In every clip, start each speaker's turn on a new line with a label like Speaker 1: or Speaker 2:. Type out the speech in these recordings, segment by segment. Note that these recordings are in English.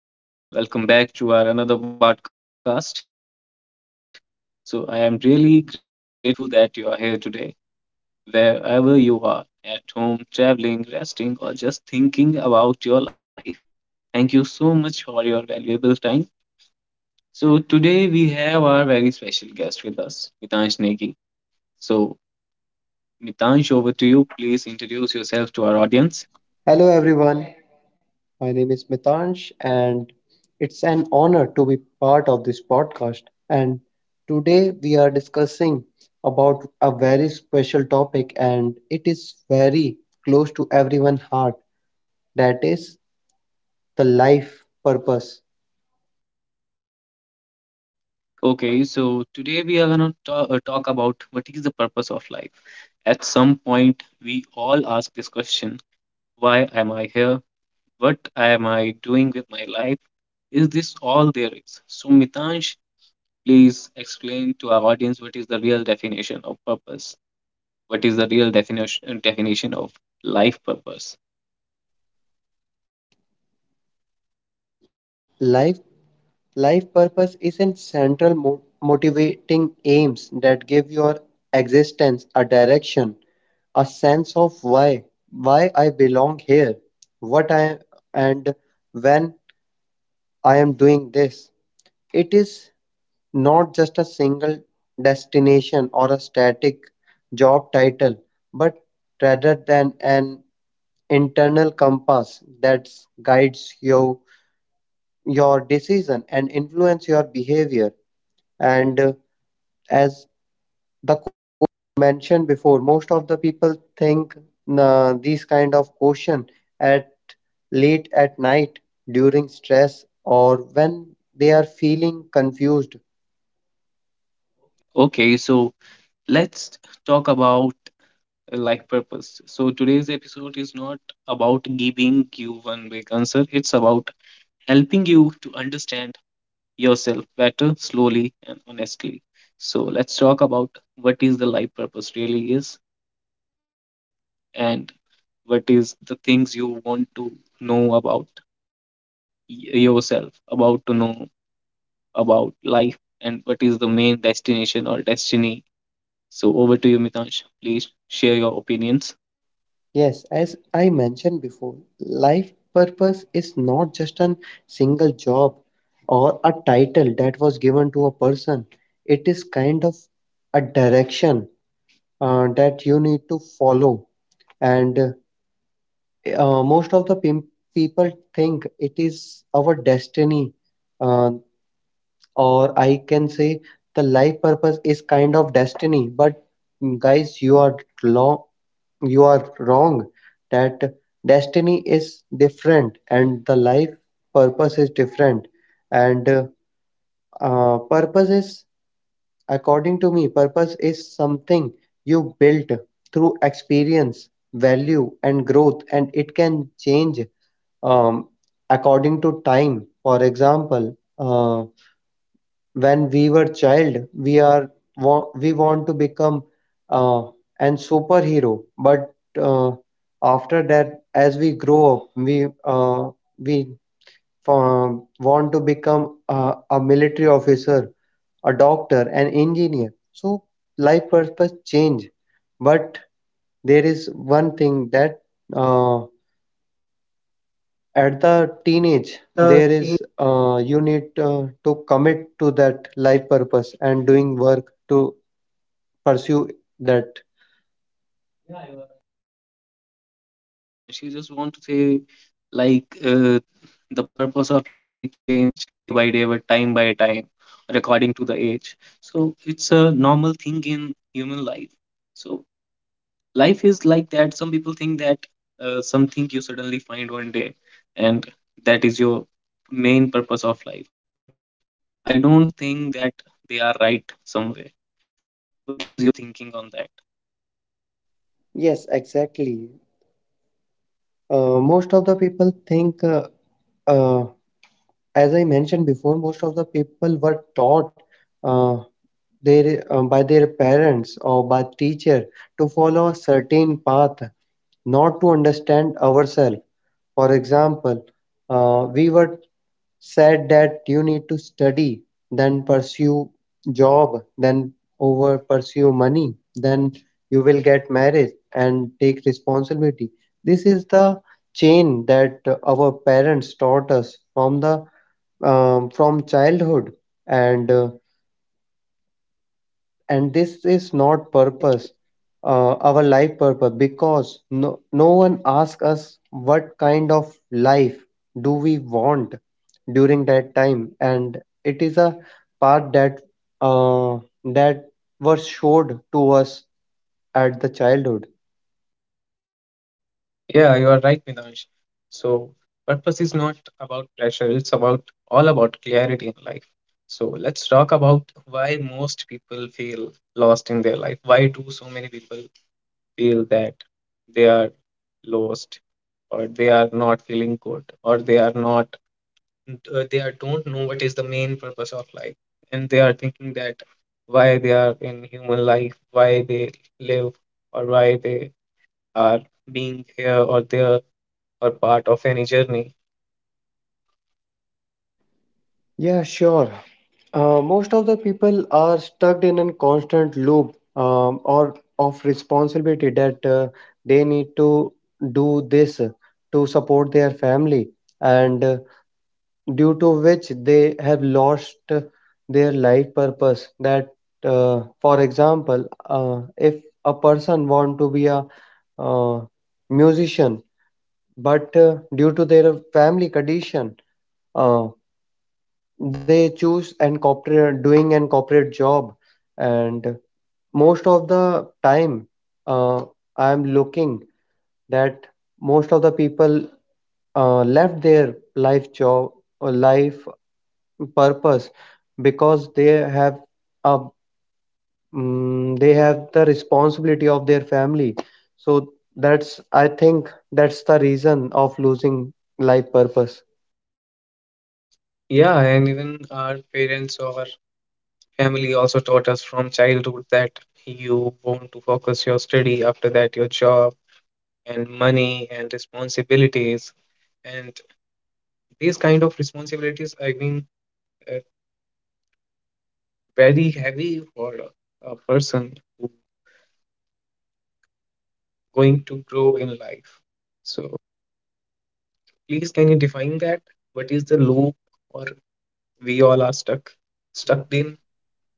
Speaker 1: Mohit Chaudhary, and welcome back to our another podcast. So, I am really grateful that you are here today, wherever you are at home, traveling, resting, or just thinking about your life. Thank you so much for your valuable time. So, today we have our very special guest with us, Mitansh Negi. So, Mitansh, over to you. Please introduce yourself to our audience.
Speaker 2: Hello, everyone. My name is Mitansh, and it's an honor to be part of this podcast. And today we are discussing about a very special topic, and it is very close to everyone's heart. That is the life purpose.
Speaker 1: Okay, so today we are gonna talk about what is the purpose of life. At some point, we all ask this question: Why am I here? What am I doing with my life? Is this all there is? So, Mitansh, please explain to our audience what is the real definition of purpose. What is the real definition of life purpose?
Speaker 2: Life Life purpose isn't central motivating aims that give your existence a direction, a sense of why I belong here, what I and when I am doing this. It is not just a single destination or a static job title, but rather than an internal compass that guides you your decision and influence your behavior and as the coach mentioned before, most of the people think these kind of question at late at night during stress or when they are feeling confused.
Speaker 1: Okay, so let's talk about like purpose. So today's episode is not about giving you one big answer, it's about helping you to understand yourself better, slowly, and honestly. So let's talk about what is the life purpose really is and what is the things you want to know about yourself, about to know about life, and what is the main destination or destiny. So over to you, Mitansh. Please share your opinions.
Speaker 2: Yes, as I mentioned before, life purpose is not just a single job or a title that was given to a person. It is kind of a direction that you need to follow, and most of the people think it is our destiny. uh, or I can say the life purpose is kind of destiny, but guys, you are long, you are wrong, that destiny is different and the life purpose is different. And purpose is, according to me, purpose is something you built through experience, value, and growth, and it can change um, according to time. For example, when we were child, we are we want to become uh, an superhero, but uh, after that, as we grow up, we want to become a military officer, a doctor, an engineer. So life purpose change, but there is one thing that uh, at the teenage there is you need to commit to that life purpose and doing work to pursue that.
Speaker 1: Yeah, you are right, Mitansh. You just want to say like the purpose of life change day by day, but time by time, or according to the age. So it's a normal thing in human life. So life is like that. Some people think that something you suddenly find one day, and that is your main purpose of life. But I don't think that they are right somewhere. What is your thinking on that?
Speaker 2: Yes, exactly. Most of the people think. Uh, as I mentioned before, most of the people were taught uh, by their parents or by teacher to follow a certain path, not to understand ourselves. For example, we were said that you need to study, then pursue job, then over pursue money, then you will get married and take responsibility. This is the chain that our parents taught us from the from childhood, and and this is not purpose, our life purpose, because no one asks us what kind of life do we want during that time, and it is a path that uh, that was showed to us at the childhood.
Speaker 1: Yeah, you are right, Minaj. So purpose is not about pressure, it's about all about clarity in life. So let's talk about why most people feel lost in their life. Why do so many people feel that they are lost or they are not feeling good or they are not they are don't know what is the main purpose of life and they are thinking that why they are in human life, why they live or why they are being here or there or part of any journey.
Speaker 2: Yeah, sure. Most of the people are stuck in a constant loop or of responsibility that they need to do this to support their family, and due to which they have lost their life purpose. That for example, if a person want to be a uh, musician, but due to their family condition, uh, they choose and corporate doing an corporate job. And most of the time, uh, I'm looking that most of the people left their life job or life purpose because they have a they have the responsibility of their family. So that's, I think that's the reason of losing life purpose.
Speaker 1: Yeah, and even our parents or our family also taught us from childhood that you want to focus your study, after that, your job and money and responsibilities. And these kind of responsibilities have been uh, very heavy for a person who going to grow in life. So please, can you define that? What is the loop or we all are stuck in?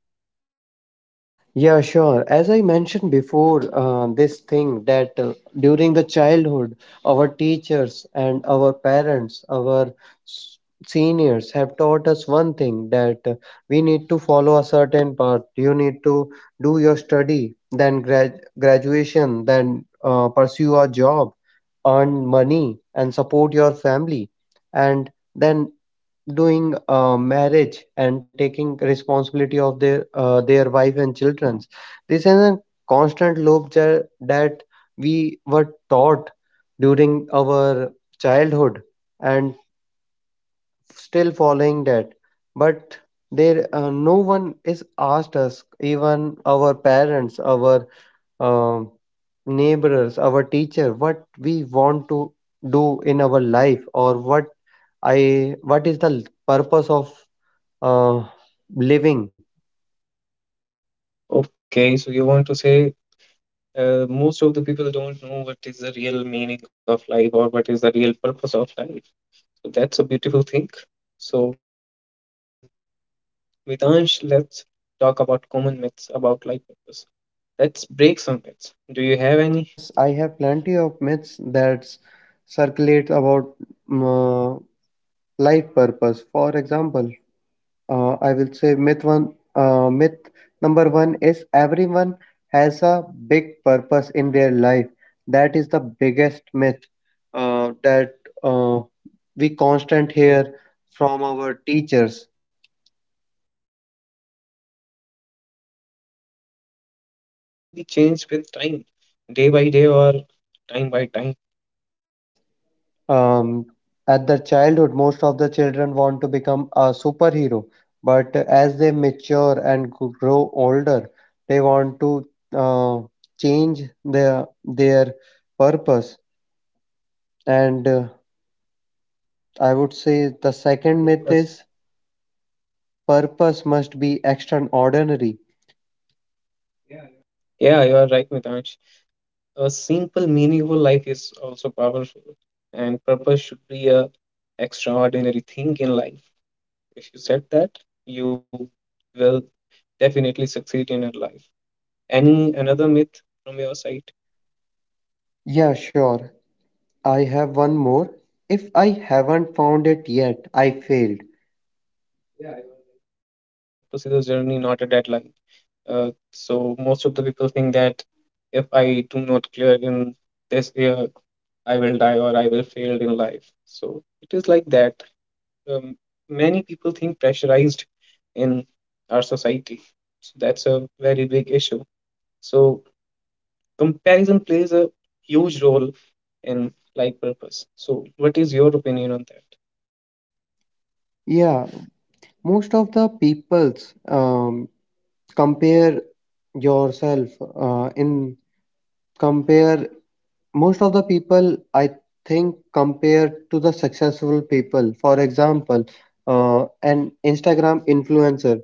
Speaker 2: Yeah, sure. As I mentioned before, this thing that during the childhood, our teachers and our parents, our s- seniors have taught us one thing, that we need to follow a certain path. You need to do your study, then graduation, then pursue a job, earn money, and support your family. And then doing marriage and taking responsibility of their wife and childrens. This is a constant loop that we were taught during our childhood and still following that. But
Speaker 1: But
Speaker 2: there, no one is asked us, even our parents, our um neighbors, our teacher, what we want to do in our life, or what is the purpose of uh, living.
Speaker 1: Okay, so you want to say most of the people don't know what is the real meaning of life or what is the real purpose of life. So that's a beautiful thing. So, Vidansh, let's talk about common myths about life purpose. Let's break some myths. Do you have any?
Speaker 2: Yes, I have plenty of myths that circulate about mm, uh, life purpose. For example, I will say myth one. Myth number one is everyone has a big purpose in their life. That is the biggest myth that uh, we constant hear from our teachers.
Speaker 1: Yeah, but I think purposes can be changed with time, day by day or time by time.
Speaker 2: Yes, um, at their childhood, most of the children want to become a superhero, but as they mature and grow older, they want to uh, change their purpose. And
Speaker 1: And
Speaker 2: I would say the
Speaker 1: I would say,
Speaker 2: second myth
Speaker 1: that's-
Speaker 2: is purpose must be extraordinary.
Speaker 1: Yeah, you are right, Mitansh. A simple, meaningful life is also powerful, and purpose should be a extraordinary thing in life. If you set that, you will definitely succeed in your life. Any another myth from your side?
Speaker 2: Yeah, sure. I have one more. If I haven't found it yet, I failed.
Speaker 1: Yeah, you are right. Purpose is a journey, not a deadline. So most of the people think that if I do not clear in this year, I will die or I will fail in life. So it is like that. um, many people think pressurized in our society. So that's a very big issue. So comparison plays a huge role in life purpose. So what is your opinion on that?
Speaker 2: Yeah, most of the people's compare yourself in compare most of the people, I think, compare to the successful people. For example, an Instagram influencer,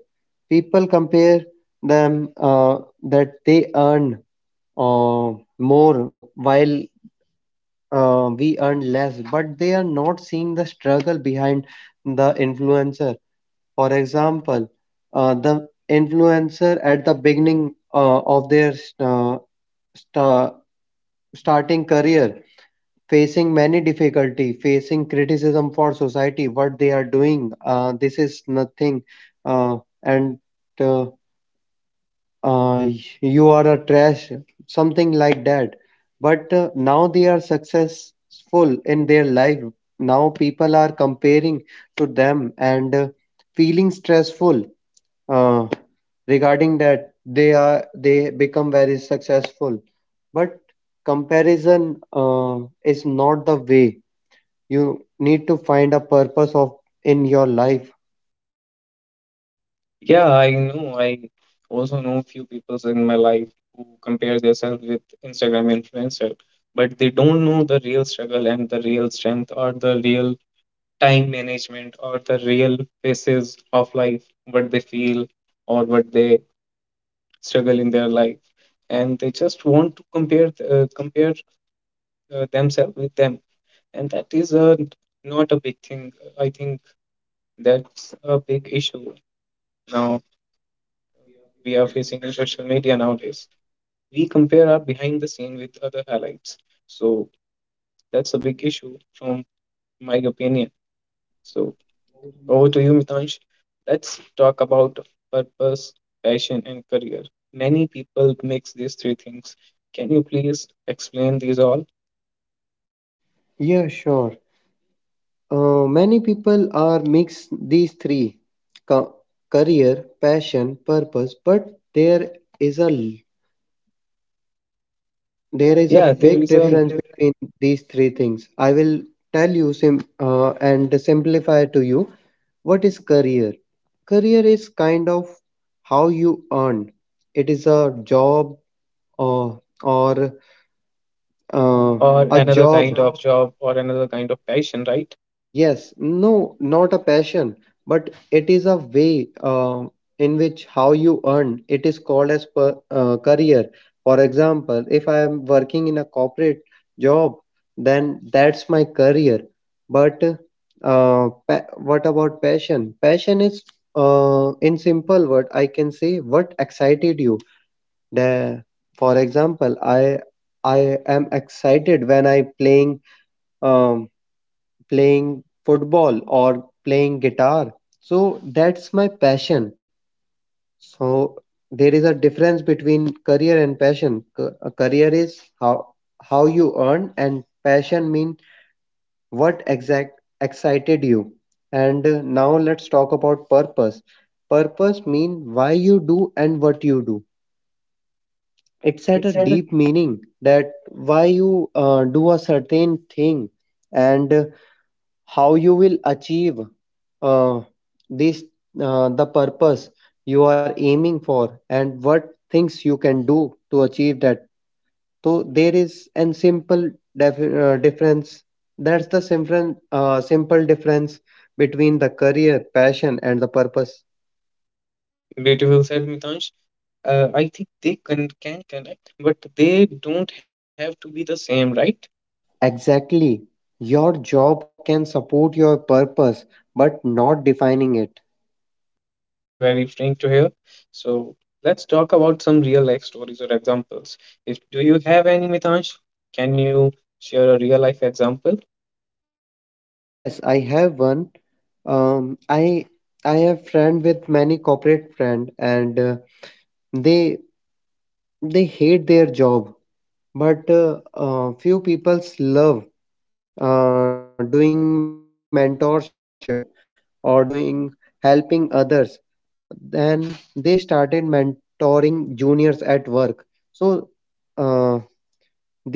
Speaker 2: people compare them that they earn uh, more while we earn less, but they are not seeing the struggle behind the influencer. For example, the influencer at the beginning of their sta- starting career, facing many difficulty, facing criticism for society, what they are doing, this is nothing, uh, and uh, uh, you are a trash, something like that. But now they are successful in their life. Now people are comparing to them and feeling stressful uh, regarding that, they are, they become very successful. But comparison is not the way. You need to find a purpose of in your life.
Speaker 1: Yeah, I know. I also know a few people in my life who compare themselves with Instagram influencer, but they don't know the real struggle and the real strength or the real time management or the real phases of life, what they feel or what they struggle in their life and they just want to compare themselves with them and that is not a big thing. I think that's a big issue now we are facing in social media nowadays. We compare our behind the scene with other highlights. So that's a big issue from my opinion. So over to you, Mitansh. Let's talk about purpose, passion and career. Many people mix these three things. Can you please explain these all?
Speaker 2: Yeah, sure. Many people are mix these three, ca- career, passion, purpose, but there is a there is a
Speaker 1: Yeah, there
Speaker 2: big
Speaker 1: is a
Speaker 2: difference between these three things. I will tell you sim and simplify to you what is career. Career is kind of how you earn. It is a job or or uh,
Speaker 1: or
Speaker 2: a
Speaker 1: another kind
Speaker 2: job.
Speaker 1: of job or another kind of passion, right?
Speaker 2: Yes, no, not a passion, but it is a way in which how you earn. It is called as career. For example, if I am working in a corporate job, then that's my career. But what about passion? Passion is, in simple word, I can say what excited you. The, for example, I am excited when I playing um, playing football or playing guitar. So that's my passion. So there is a difference between career and passion. A career is how you earn, and passion mean what exact excited you. And now let's talk about purpose. Purpose mean why you do and what you do. It's at a
Speaker 1: Beautiful
Speaker 2: deep meaning that why you do a certain thing and how you will achieve uh, this the purpose you are aiming for, and what things you can do to achieve that. So there is an simple difference. That's the simple simple difference between the career, passion, and the purpose.
Speaker 1: said, Mitansh. I think they can connect, but they don't have to be the same, right?
Speaker 2: Exactly. Your job can support your purpose, but not defining it.
Speaker 1: That's a very freeing to hear. So let's talk about some real life stories or examples. If do you have any, Mitansh? Can you share a real life example?
Speaker 2: Yes, I have one. Um, I I have friend with many corporate friend, and they they hate their job, but few people's love doing mentorship or doing helping others. Then they started mentoring juniors at work. So uh, this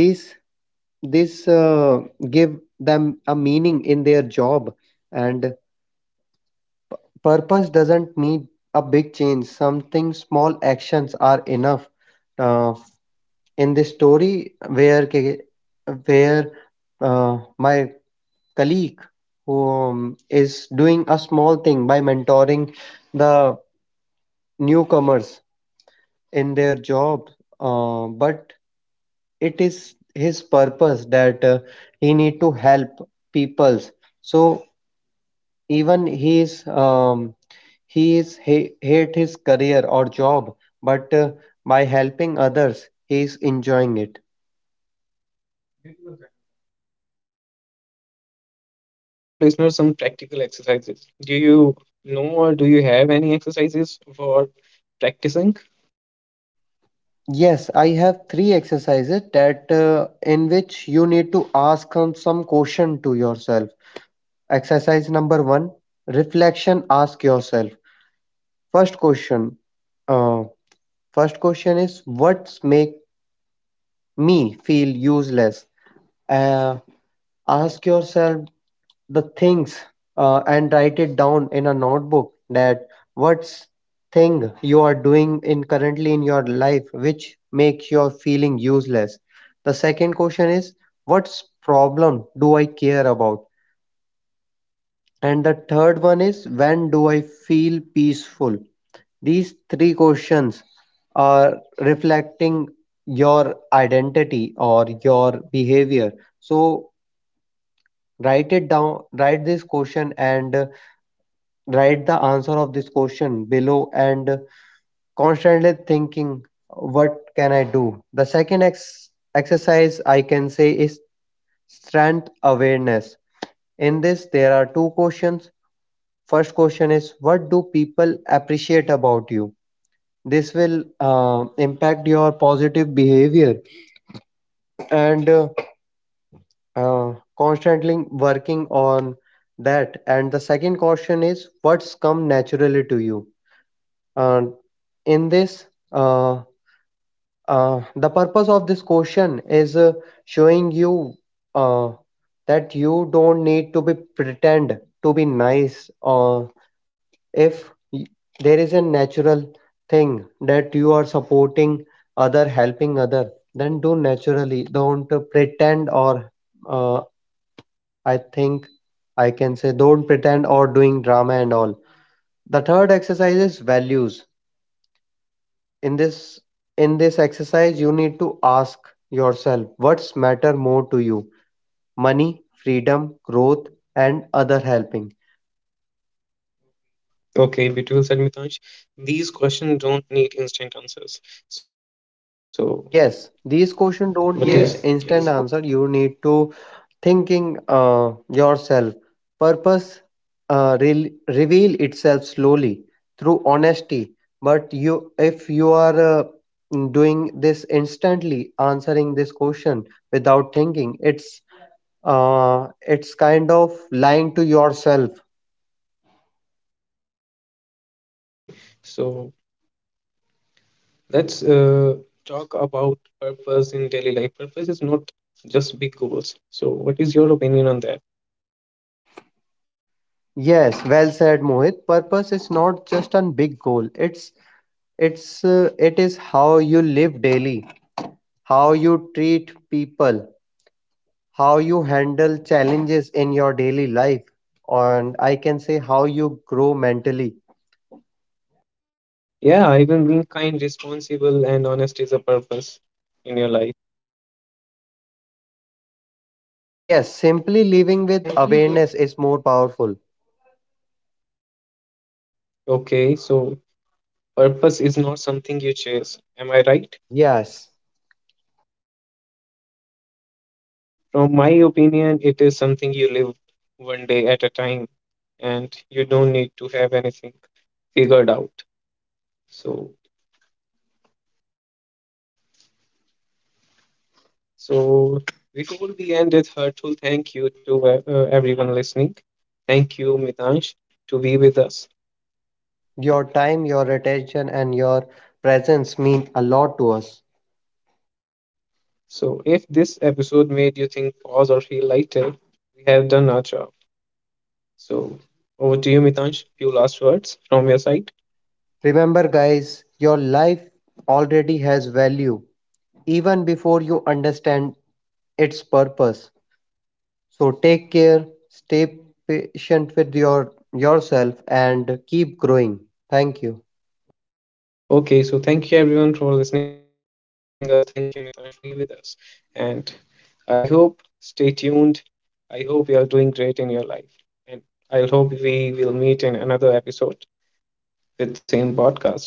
Speaker 2: this give them a meaning in their job. And purpose doesn't need a big change. Something small actions are enough. Uh, in this story, where where my colleague who is doing a small thing by mentoring the newcomers in their job, but it is his purpose, that he need to help peoples. So even he is he hate his career or job, but by helping others, he is enjoying it.
Speaker 1: Beautiful said, Mitansh. So let's give listeners some practical exercises. Do you know or do you have any exercises for practicing?
Speaker 2: Yes, I have three exercises that in which you need to ask some question to yourself. Exercise number one, reflection. Ask yourself. First question. Uh, First question is what's make me feel useless. Uh, Ask yourself the things and write it down in a notebook, that what's thing you are doing in currently in your life which makes you feeling useless. The second question is what's problem do I care about. And the third one is when do I feel peaceful? These three questions are reflecting your identity or your behavior. So write it down, write this question, and write the answer of this question below, and constantly thinking what can I do. The second exercise I can say is strength awareness. In this, there are two questions. First question is what do people appreciate about you. This will impact your positive behavior, and constantly working on that. And the second question is what's come naturally to you. And in this, uh, the purpose of this question is showing you uh, that you don't need to be pretend to be nice, or if y- there is a natural thing that you are supporting other, helping other, then do naturally, don't pretend or uh, I think I can say don't pretend or doing drama and all. The third exercise is values. in this in this exercise, you need to ask yourself what's matter more to you: money, freedom, growth, and other helping.
Speaker 1: Okay, beautiful said Mitansh. These questions don't need instant answers. So,
Speaker 2: Yes,
Speaker 1: what
Speaker 2: these
Speaker 1: is
Speaker 2: questions
Speaker 1: Yes,
Speaker 2: don't need instant answer. You need to thinking yourself. Purpose reveal itself slowly through honesty. But you, if you are doing this instantly, answering this question without thinking, it's kind of lying to yourself.
Speaker 1: Okay, so let's talk about purpose in daily life. Purpose is not just big goals. So, what is your opinion on that?
Speaker 2: Yes, well said, Mohit. Purpose is not just a big goal. It is how you live daily, how you treat people, how you handle challenges in your daily life, and I can say how you grow mentally.
Speaker 1: Yeah, even being kind, responsible, and honest is a purpose in your life.
Speaker 2: Yes,
Speaker 1: Yes,
Speaker 2: simply living
Speaker 1: simply
Speaker 2: with awareness is more powerful.
Speaker 1: Okay, so purpose is not something you chase. Am I right?
Speaker 2: Yes,
Speaker 1: From my opinion, it is something you live one day at a time, and you don't need to have anything figured out. So, so before we end with hurtful, thank you to everyone listening. Thank you, Mitansh, to be with us.
Speaker 2: your time, your attention, and your presence mean a lot to us.
Speaker 1: So, if this episode made you think, pause, or feel lighter, we have done our job. So, over to you, Mitansh. Few last words from your side.
Speaker 2: Remember, guys, your life already has value even before you understand its purpose. So take
Speaker 1: So.
Speaker 2: care, stay patient with yourself, and keep growing. Thank you.
Speaker 1: Thank you. Okay, so thank you everyone for listening us. Thank you, Mitanshu, be with us. And I hope stay tuned. I hope you are doing great in your life. And I hope we will meet in another episode with same podcast. Thank you so much, everyone.